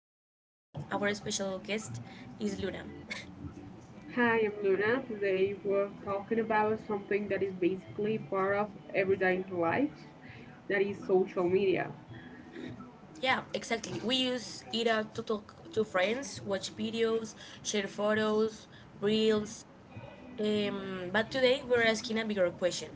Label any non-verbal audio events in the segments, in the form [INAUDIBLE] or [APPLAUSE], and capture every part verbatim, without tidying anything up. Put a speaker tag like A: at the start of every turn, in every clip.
A: Lena, and our special guest is Luna. [LAUGHS]
B: Hi, I'm Luna. Today we're talking about something that is basically part of everyday lives, that is social media.
A: Yeah, exactly. We use Ira to talk to friends, watch videos, share photos, reels. Um, but today we're asking a bigger question.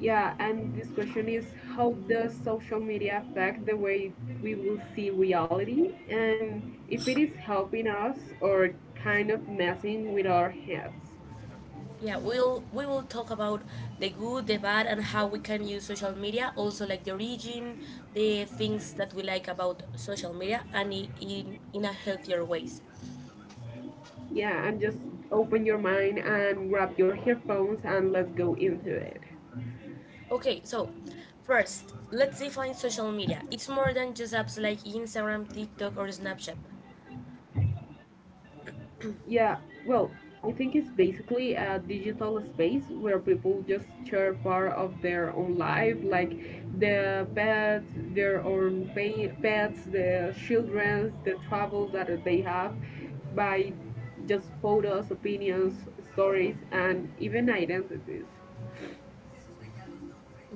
B: Yeah, and this question is how does social media affect the way we will see reality and if it is helping us or kind of messing with our heads.
A: Yeah, we'll we will talk about the good, the bad, and how we can use social media. Also, like the origin, the things that we like about social media, and i- in in a healthier ways.
B: Yeah, and just open your mind and grab your headphones and let's go into it.
A: Okay, so first, let's define social media. It's more than just apps like Instagram, TikTok, or Snapchat.
B: Yeah, well, I think it's basically a digital space where people just share part of their own life, like the pets, their own pa- pets, the children, the travels that they have by just photos, opinions, stories, and even identities.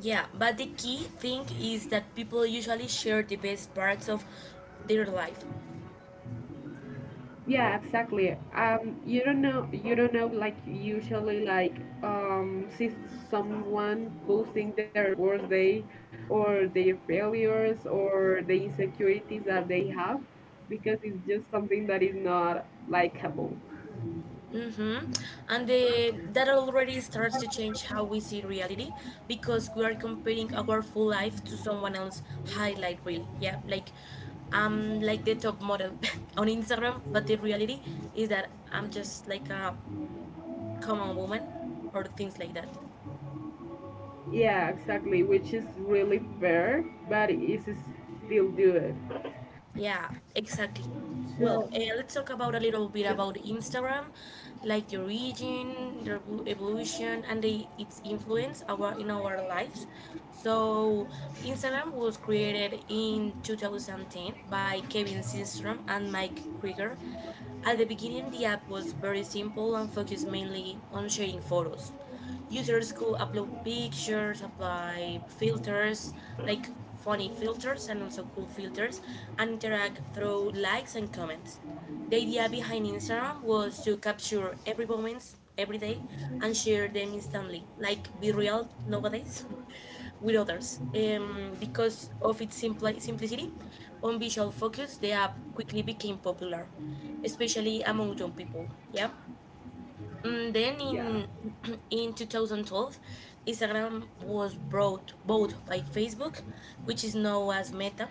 A: Yeah, but the key thing is that people usually share the best parts of their life.
B: Yeah, exactly. Um, you don't know, you don't know, like usually, like um, see someone posting their worst day, or their failures, or the insecurities that they have, because it's just something that is not likable.
A: Mm-hmm. And the, that already starts to change how we see reality because we are comparing our full life to someone else's highlight reel. Yeah, like I'm like the top model [LAUGHS] on Instagram, but the reality is that I'm just like a Come on, woman, or things like that.
B: Yeah, exactly, which is really fair, but it is still good.
A: Yeah, exactly.
B: So
A: Well, uh, let's talk about a little bit about Instagram, like the origin, the evo- evolution, and the, its influence our, in our lives. So, Instagram was created in two thousand ten by Kevin Systrom and Mike Krieger. At the beginning, the app was very simple and focused mainly on sharing photos. Users could upload pictures, apply filters, like funny filters and also cool filters, and interact through likes and comments. The idea behind Instagram was to capture every moment, every day, and share them instantly, like be real nowadays [LAUGHS] with others. Um, because of its simpli- simplicity, on visual focus, the app quickly became popular especially among young people. Yeah. Mm, Then
B: yeah,
A: in [CLEARS THROAT] in twenty twelve, Instagram was brought bought by Facebook, which is now as Meta.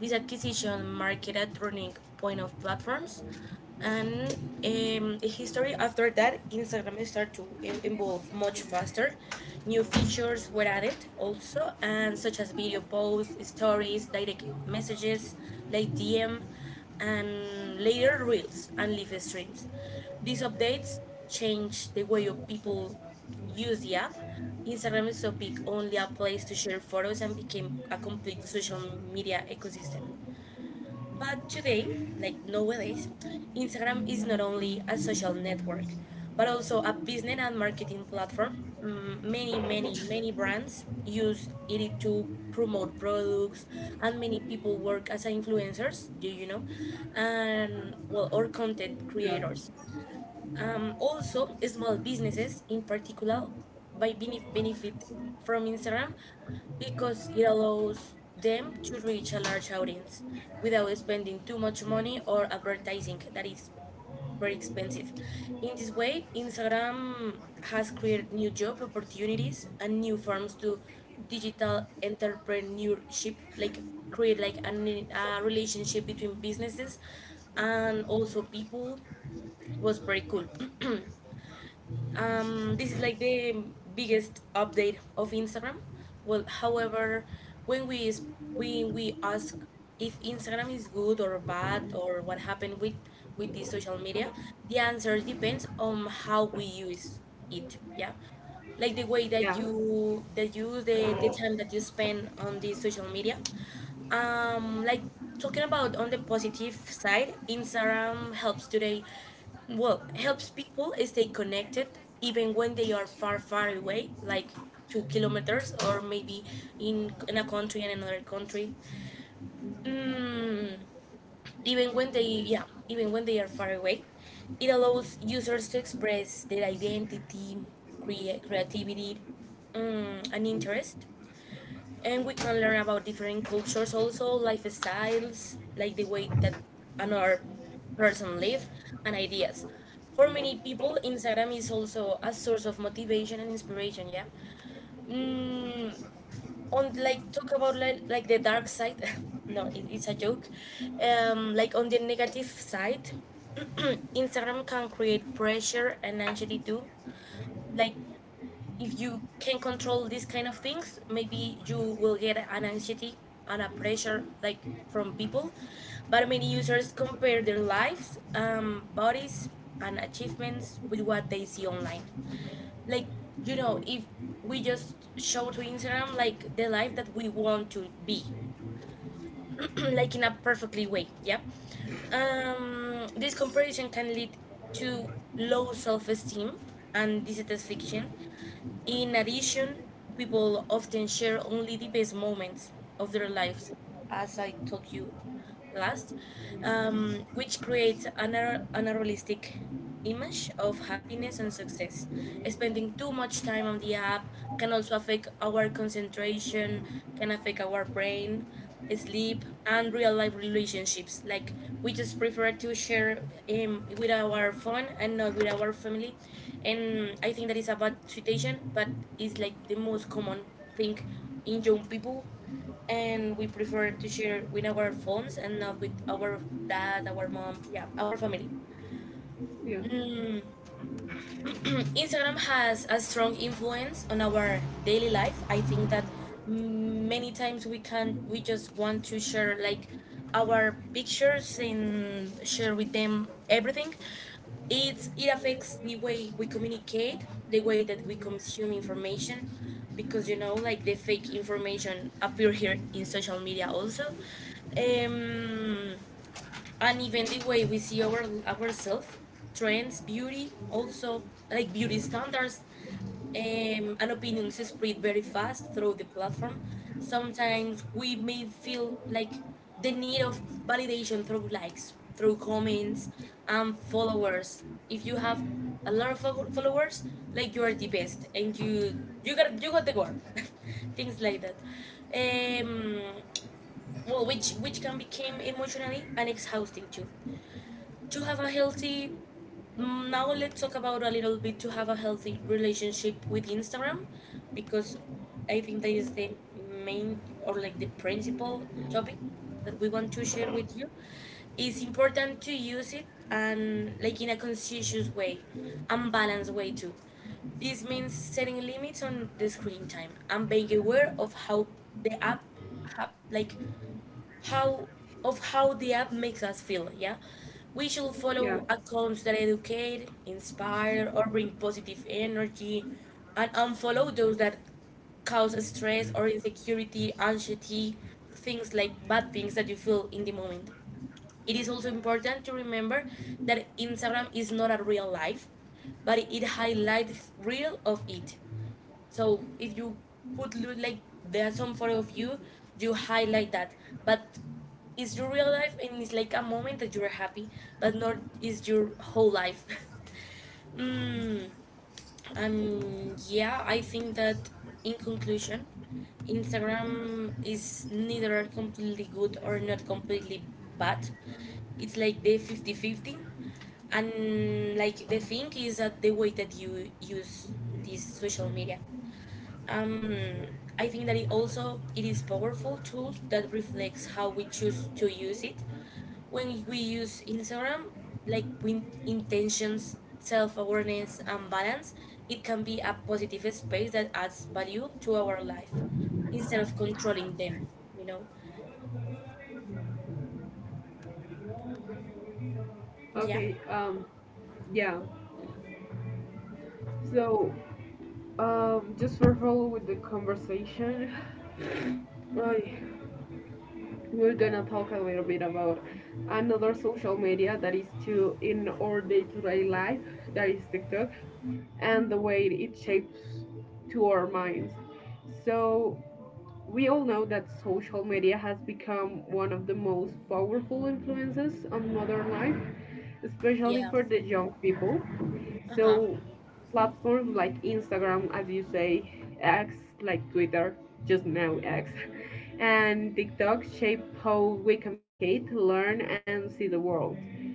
A: This acquisition marked a turning point of platforms, and um, the history after that, Instagram started to e- evolve much faster. New features were added also, and such as video posts, stories, direct messages, like D M, and later reels and live streams. These updates change the way of people use the app. Instagram is so big, only a place to share photos and became a complete social media ecosystem. But today, like nowadays, Instagram is not only a social network, but also a business and marketing platform. Mm, Many, many, many brands use it to promote products, and many people work as influencers, do you know? And well, or content
B: yeah,
A: creators. Um, also, small businesses in particular by benef- benefit from Instagram because it allows them to reach a large audience without spending too much money or advertising that is very expensive. In this way, Instagram has created new job opportunities and new forms to digital entrepreneurship, like create like an, a relationship between businesses and also people was very cool. [CLEARS THROAT] Um, this is like the biggest update of Instagram. Well, however, when we s- when we ask if Instagram is good or bad or what happened with with this social media, the answer depends on how we use it. Yeah, like the way that
B: yeah,
A: you that you use the the time that you spend on this social media, um like talking about on the positive side, Instagram helps today, well, helps people stay connected even when they are far, far away, like two kilometers or maybe in in a country and another country. mm, Even when they, yeah, even when they are far away, it allows users to express their identity, crea- creativity, mm, and interest. And we can learn about different cultures, also lifestyles, like the way that another person live, and ideas. For many people Instagram is also a source of motivation and inspiration, yeah. mm, on, like, talk about, like, like the dark side. [LAUGHS] No, it, it's a joke. Um, like, on the negative side, Instagram can create pressure and anxiety too. Like, if you can control these kind of things, maybe you will get an anxiety and a pressure like from people. But many users compare their lives, um, bodies, and achievements with what they see online. Like, you know, if we just show to Instagram like the life that we want to be, [CLEARS THROAT] like in a perfectly way, yeah. Um, this comparison can lead to low self-esteem, and this is fiction. In addition, people often share only the best moments of their lives, as I told you last. Um, which creates an unre- unrealistic image of happiness and success. Spending too much time on the app can also affect our concentration, can affect our brain, sleep, and real life relationships. Like, we just prefer to share um, with our phone and not with our family. And I think that is a bad situation, but it's like the most common thing in young people. And we prefer to share with our phones and not with our dad, our mom, yeah, our family.
B: yeah,
A: Instagram has a strong influence on our daily life. I think that many times we can we just want to share like our pictures and share with them everything. It's it affects the way we communicate, the way that we consume information, because, you know, like the fake information appear here in social media also. Um and even the way we see our ourselves, trends, beauty, also like beauty standards, um, and opinions spread very fast through the platform. Sometimes we may feel like the need of validation through likes, through comments, and followers. If you have a lot of follow- followers, like you are the best, and you you got you got the goal, [LAUGHS] things like that. Um, well, which which can become emotionally and exhausting too. To have a healthy, mm, now let's talk about a little bit to have a healthy relationship with Instagram, because I think that is the main, or like the principal topic that we want to share with you. It's important to use it and like in a conscientious way and balanced way too. This means setting limits on the screen time and being aware of how the app have, like, how of how the app makes us feel, yeah. We should
B: yeah.
A: follow accounts that educate, inspire, or bring positive energy, and unfollow those that cause stress or insecurity, anxiety, things like bad things that you feel in the moment. It is also important to remember that Instagram is not a real life, but it highlights real of it. So if you put, like, there's some photo of you, you highlight that. But it's your real life and it's like a moment that you're happy, but not is your whole life. [LAUGHS] mm, um, yeah, I think that in conclusion, Instagram is neither completely good or not completely bad. It's like the fifty-fifty, and like the thing is that the way that you use this social media, um, I think that it also it is powerful tool that reflects how we choose to use it. When we use Instagram, like with intentions, self awareness, and balance, it can be a positive space that adds value to our life instead of controlling them. You know? Yeah.
B: Okay, um, yeah. So Um, just for follow with the conversation, [LAUGHS] we're gonna talk a little bit about another social media that is too in our day-to-day life, that is TikTok, and the way it shapes to our minds. So we all know that social media has become one of the most powerful influences on modern life, especially
A: Yeah.
B: for the young people.
A: Uh huh.
B: So platforms like Instagram, as you say, X, like Twitter, just now X, [LAUGHS] and TikTok shape how we communicate, learn, and see the world.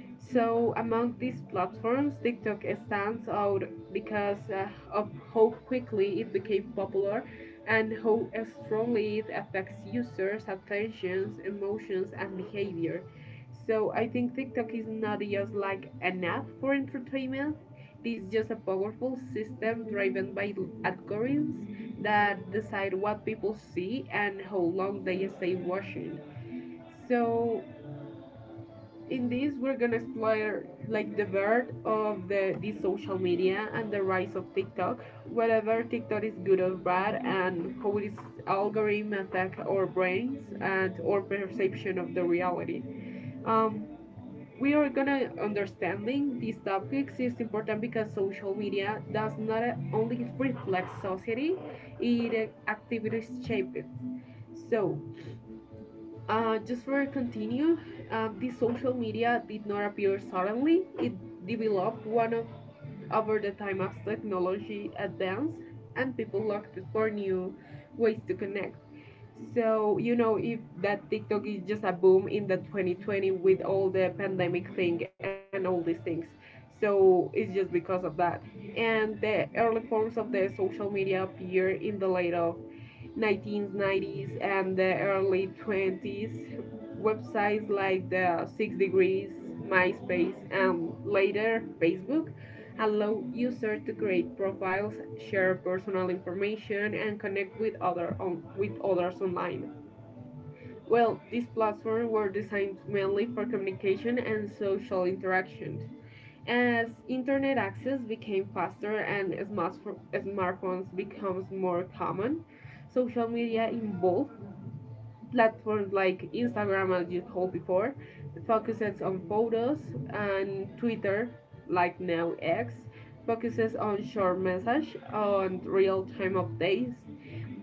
B: So among these platforms, TikTok stands out because uh, of how quickly it became popular and how strongly it affects users' attentions, emotions, and behavior. So I think TikTok is not just like an app for entertainment, this is just a powerful system driven by algorithms that decide what people see and how long they stay watching. So in this we're gonna explore like the birth of the this social media and the rise of TikTok, whether TikTok is good or bad and how its algorithm attack our brains and our perception of the reality. Um, we are gonna understanding these topics is important because social media does not only reflect society, it actively shapes it. So uh, just for continue uh, the social media did not appear suddenly, it developed one of over the time as technology advanced and people looked for new ways to connect. So, you know, if that TikTok is just a boom in the twenty twenty with all the pandemic thing and all these things. So, it's just because of that. And the early forms of the social media appear in the late of nineteen nineties and the early twenties, websites like the Six Degrees, MySpace, and later Facebook allow users to create profiles, share personal information, and connect with other on, with others online. Well, these platforms were designed mainly for communication and social interaction. As internet access became faster and smartph- smartphones becomes more common, social media evolved platforms like Instagram, as you told before, focuses on photos, and Twitter, like now X, focuses on short message on real-time updates.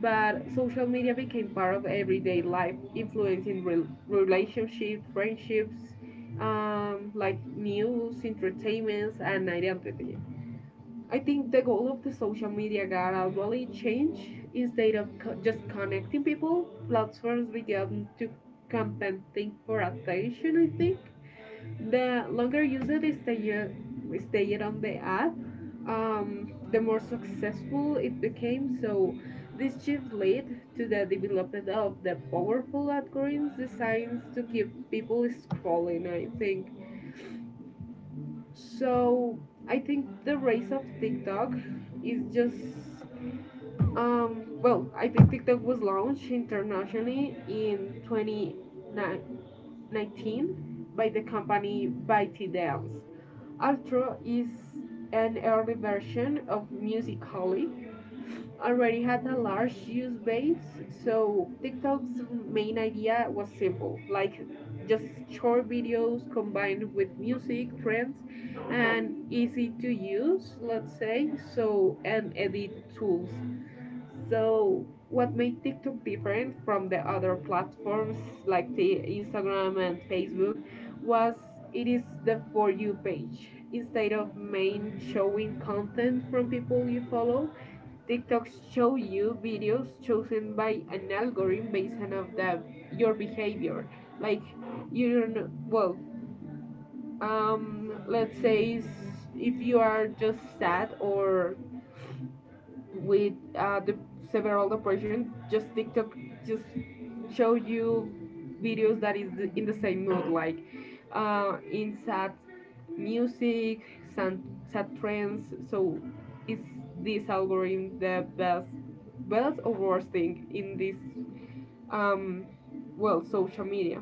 B: But social media became part of everyday life, influencing rel relationships, friendships, um, like news, entertainments, and identity. I think the goal of the social media got gradually changed. Instead of co- just connecting people, platforms began to competing for attention. I think the longer users stayed stayed on the app, um, the more successful it became. So this shift led to the development of the powerful algorithms designed to keep people scrolling. I think so I think the rise of TikTok is just um, well, I think TikTok was launched internationally in twenty nineteen by the company ByteDance. Ultra is an early version of Musical.ly already had a large user base, so TikTok's main idea was simple like just short videos combined with music, trends, and easy to use, let's say, so and edit tools. So, what made TikTok different from the other platforms like the Instagram and Facebook was it is the For You page. Instead of main showing content from people you follow, TikToks show you videos chosen by an algorithm based on of the, your behavior. Like you don't well, um, let's say if you are just sad or with uh, the several depression just tiktok just show you videos that is the, in the same mood like uh, in sad music, sad, sad trends. So is this algorithm the best best or worst thing in this um well social media.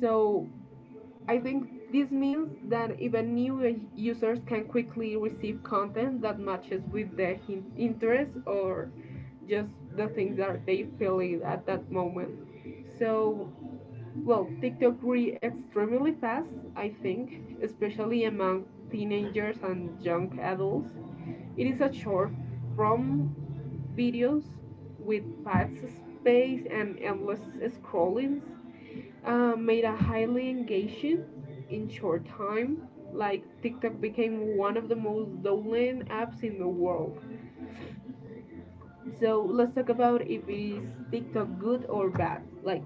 B: So I think this means that even new users can quickly receive content that matches with their interests or just the things that they feel it at that moment. So, well, TikTok grew extremely fast, I think, especially among teenagers and young adults. It is a short form videos with fast space and endless scrollings uh, made a highly engaging in short time. Like TikTok became one of the most downloaded apps in the world. So let's talk about if is TikTok good or bad. Like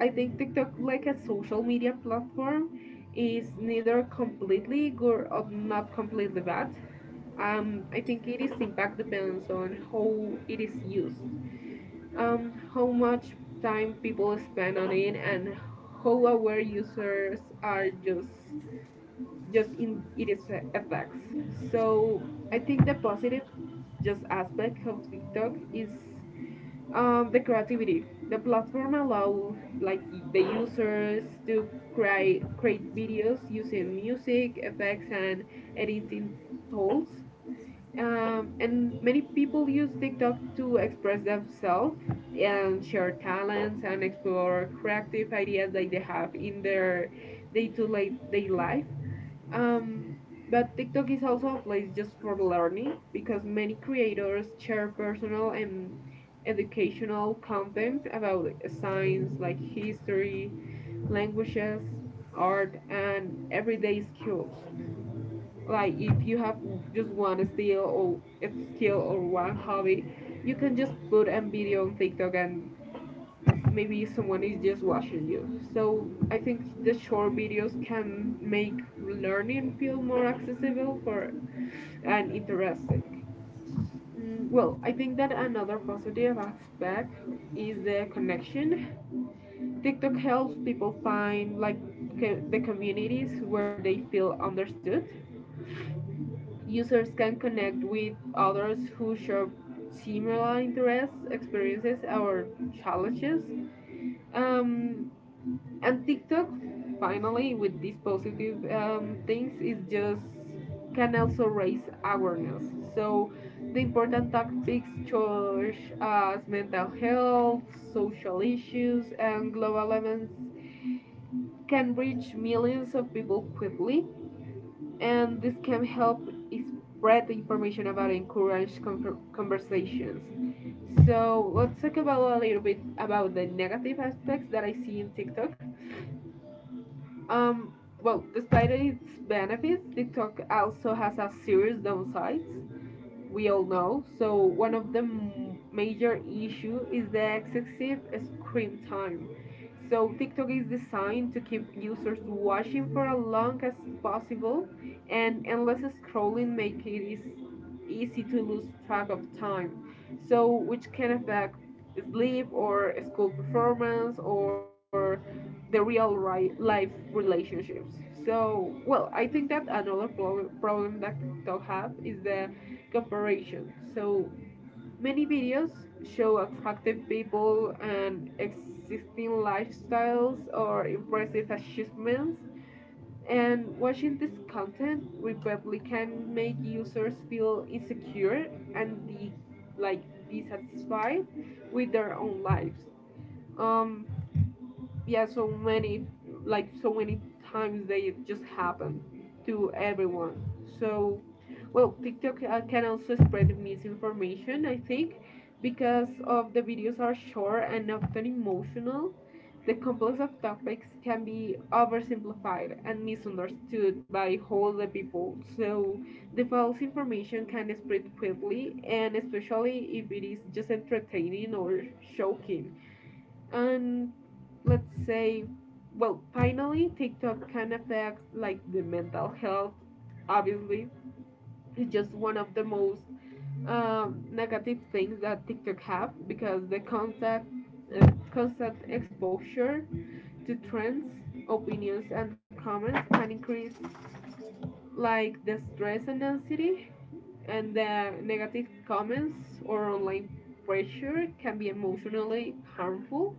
B: I think TikTok like a social media platform is neither completely good or not completely bad. Um, I think it is impact depends on how it is used, um, how much time people spend on it and how aware users are just just in its effects. So I think the positive just aspect of TikTok is um, the creativity. The platform allow like the users to create create videos using music effects and editing tools, um, and many people use TikTok to express themselves and share talents and explore creative ideas that they have in their day to day life. Um, but TikTok is also a place just for learning because many creators share personal and educational content about science like history, languages, art, and everyday skills. Like if you have just one skill or skill or one hobby you can just put a video on tiktok and maybe someone is just watching you. So I think the short videos can make learning feel more accessible for and interesting. Mm, well, I think that another positive aspect is the connection. TikTok helps people find like co- the communities where they feel understood. Users can connect with others who share similar interests, experiences, or challenges. Um, and TikTok, finally, with these positive um, things, is just can also raise awareness. So the important topics such as mental health, social issues, and global events can reach millions of people quickly and this can help spread the information about it, encourage conversations. So let's talk about a little bit about the negative aspects that I see in TikTok. Um, well, Despite its benefits, TikTok also has a serious downsides we all know. So one of the major issue is the excessive screen time. So TikTok is designed to keep users watching for as long as possible, and endless scrolling make it is easy to lose track of time. So which can affect sleep or school performance or the real right life relationships. So, well, I think that another pro- problem that TikTok have is the comparison. So many videos show attractive people and existing lifestyles or impressive achievements. And watching this content repeatedly can make users feel insecure and de- like dissatisfied with their own lives. Um, yeah, so many like so many times they just happen to everyone. So well tiktok uh, can also spread misinformation I think because of the videos are short and often emotional, the complex of topics can be oversimplified and misunderstood by whole the people. So the false information can spread quickly and especially if it is just entertaining or shocking, and let's say, well finally tiktok can affect like the mental health, obviously. It's just one of the most um, negative things that tiktok have because the contact uh, constant exposure to trends, opinions and comments can increase like the stress and anxiety, and the negative comments or online pressure can be emotionally harmful.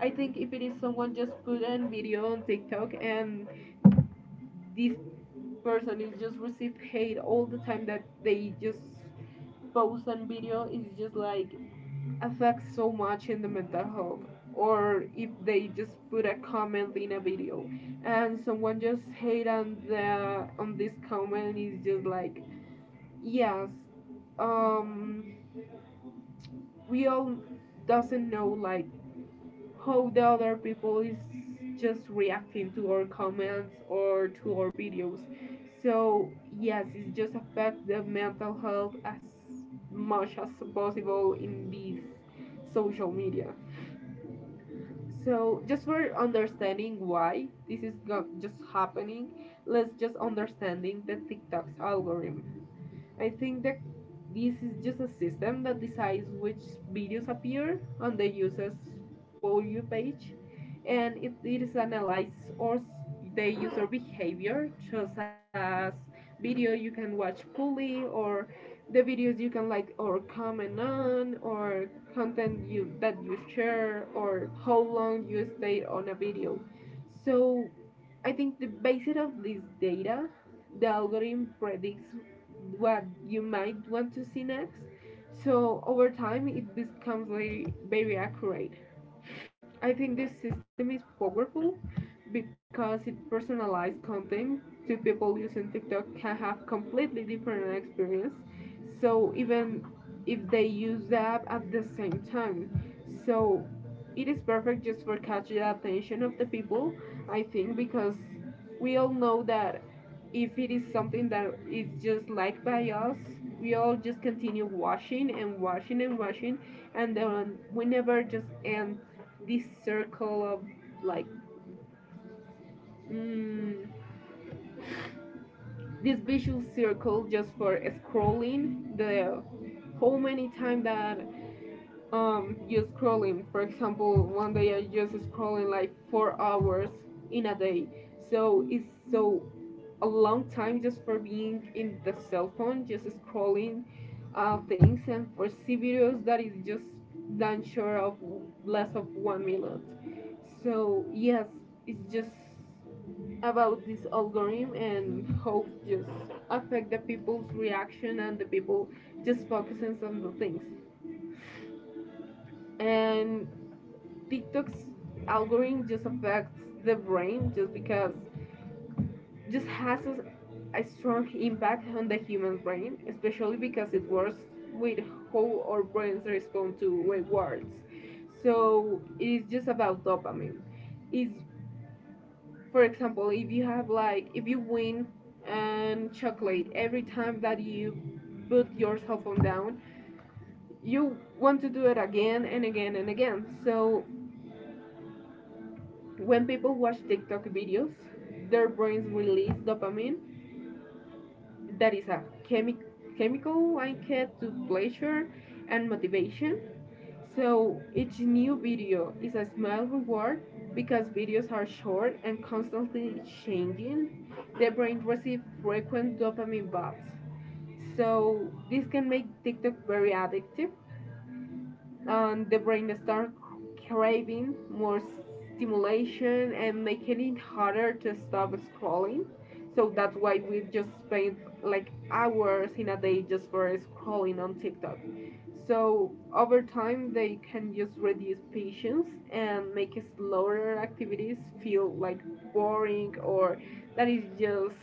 B: I think if it is someone just put a video on TikTok and this person is just receive hate all the time that they just post a video, it's just like affects so much in the mental health. Or if they just put a comment in a video and someone just hate on the on this comment is just like yes. um, we all doesn't know like how the other people is just reacting to our comments or to our videos. So yes, it just affect the mental health as much as possible in these social media. So just for understanding why this is go- just happening, let's just understanding the TikTok's algorithm. I think that this is just a system that decides which videos appear on the user's For You page, and it, it is analyzed or the user behavior, such as video you can watch fully, or the videos you can like or comment on, or content you that you share, or how long you stay on a video. So I think the basis of this data, the algorithm predicts what you might want to see next. So over time, it becomes very, very accurate. I think this system is powerful because it personalized content. Two people using TikTok can have completely different experience. So even if they use the app at the same time, so it is perfect just for catching the attention of the people. I think because we all know that if it is something that is just liked by us, we all just continue watching and watching and watching, and then we never just end this circle of like mm, this visual circle just for scrolling the how many times that um you're scrolling. For example, one day I just scrolling like four hours in a day. So it's so a long time just for being in the cell phone just scrolling uh, things and for c videos that is just done short of less of one minute. So yes, it's just about this algorithm and how it just affect the people's reaction and the people just focusing on the things. And TikTok's algorithm just affects the brain just because just has a, a strong impact on the human brain, especially because it works with how our brains respond to rewards. So it is just about dopamine. It's, for example, if you have like if you win and chocolate every time that you put your cell phone down, you want to do it again and again and again. So when people watch TikTok videos, their brains release dopamine that is a chemi- chemical linked to pleasure and motivation. So each new video is a small reward because videos are short and constantly changing. The brain receives frequent dopamine boosts. So this can make TikTok very addictive and the brain starts craving more stimulation and making it harder to stop scrolling. So that's why we just spend like hours in a day just for scrolling on TikTok. So over time, they can just reduce patience and make slower activities feel like boring, or that is just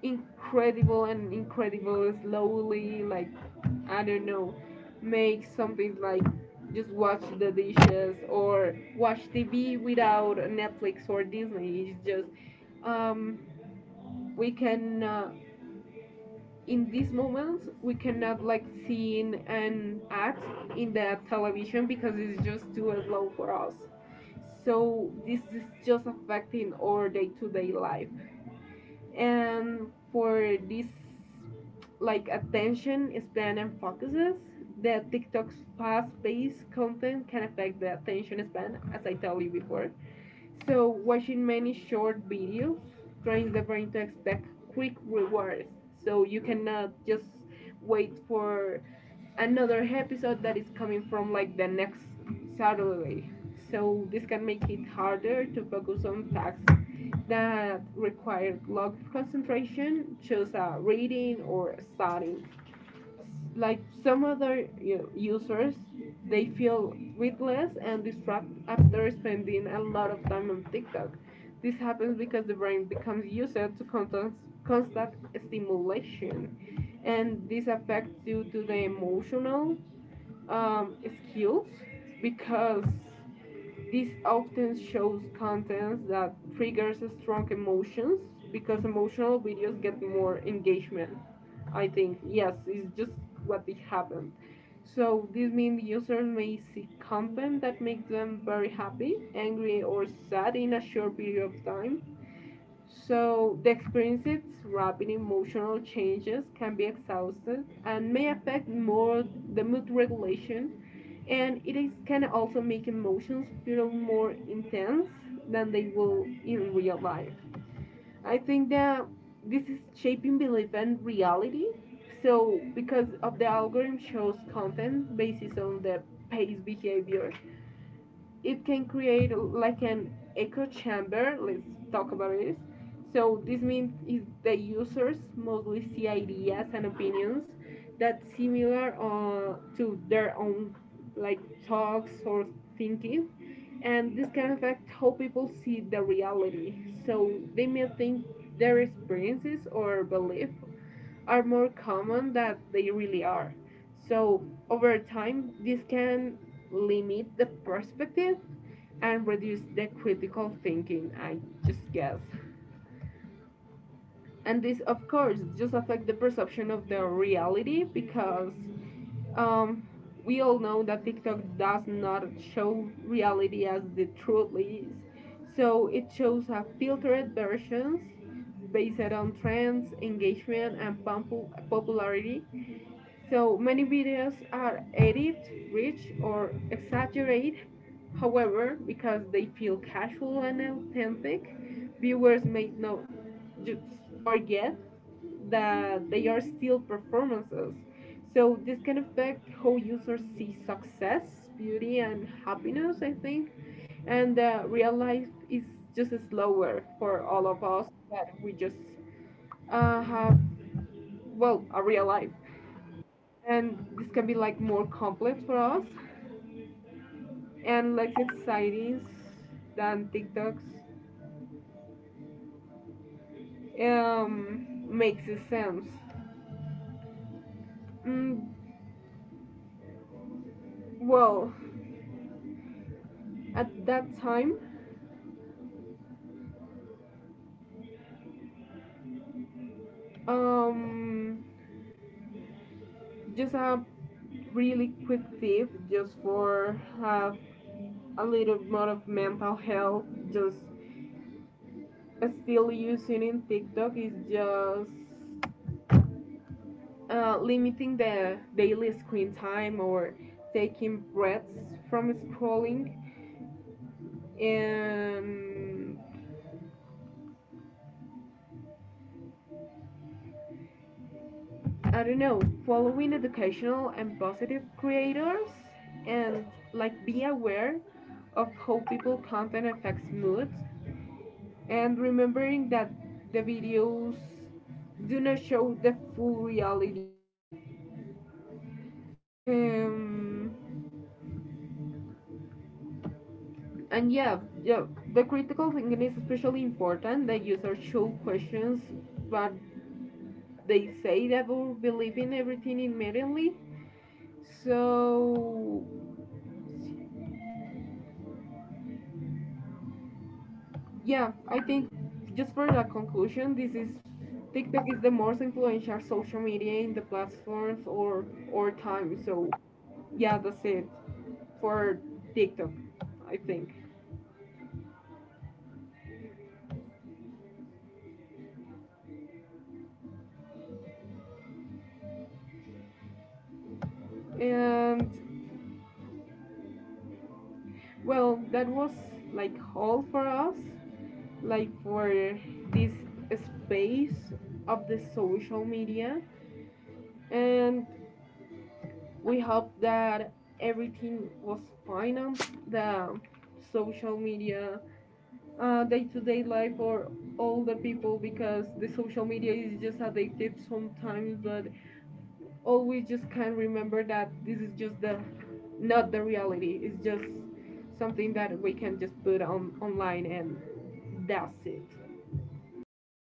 B: incredible and incredible slowly, like I don't know, make something like just watch the dishes or watch T V without Netflix or Disney. It's just um, we can uh, in these moments we cannot like seeing an ad in the television because it's just too slow for us. So this is just affecting our day-to-day life. And for this like attention span and focuses, that TikTok's fast-paced content can affect the attention span, as I told you before. So watching many short videos trains the brain to expect quick rewards. So you cannot just wait for another episode that is coming from like the next Saturday. So this can make it harder to focus on facts that require long concentration, such as reading or studying. Like some other you know, users, they feel breathless and distracted after spending a lot of time on TikTok. This happens because the brain becomes used to constant, constant stimulation, and this affects due to the emotional um, skills because this often shows content that triggers strong emotions because emotional videos get more engagement. I think yes, it's just what it happened. So this means users may see content that makes them very happy, angry, or sad in a short period of time. So the experiences rapid emotional changes can be exhausted and may affect more the mood regulation, and it is can also make emotions feel more intense than they will in real life. I think that this is shaping belief and reality. So because of the algorithm shows content based on the pay's behavior, it can create like an echo chamber, let's talk about this. So this means is the users mostly see ideas and opinions that similar uh, to their own, like talks or thinking, and this can affect how people see the reality. So they may think their experiences or beliefs are more common than they really are. So, over time, this can limit the perspective and reduce the critical thinking, I just guess. And this, of course, just affect the perception of the reality because um, we all know that TikTok does not show reality as the truth is. So it shows a filtered versions based on trends, engagement, and popu- popularity. So many videos are edited, rich, or exaggerated. However, because they feel casual and authentic, viewers may not just forget that they are still performances. So this can affect how users see success, beauty, and happiness, I think, and uh, real life is just slower for all of us that we just uh, have well a real life, and this can be like more complex for us and less exciting than TikToks um, makes sense. Mm, well, at that time, um, just a really quick tip just for have a little more of mental health. Just still using in TikTok is just uh, limiting the daily screen time or taking breaths from scrolling, um, I don't know, following educational and positive creators and like be aware of how people content affects moods and remembering that the videos do not show the full reality. Um, and yeah, yeah, the critical thinking is especially important. The users show questions, but they say that will believe in everything immediately. So yeah, I think just for the conclusion, this is TikTok is the most influential social media in the platforms or or time. So yeah, that's it for TikTok, I think. And well, that was like all for us, like for this space of the social media. And we hope that everything was fine on the social media uh, day-to-day life for all the people because the social media is just addictive sometimes, but always just can't remember that this is just the not the reality, it's just something that we can just put on online and that's it.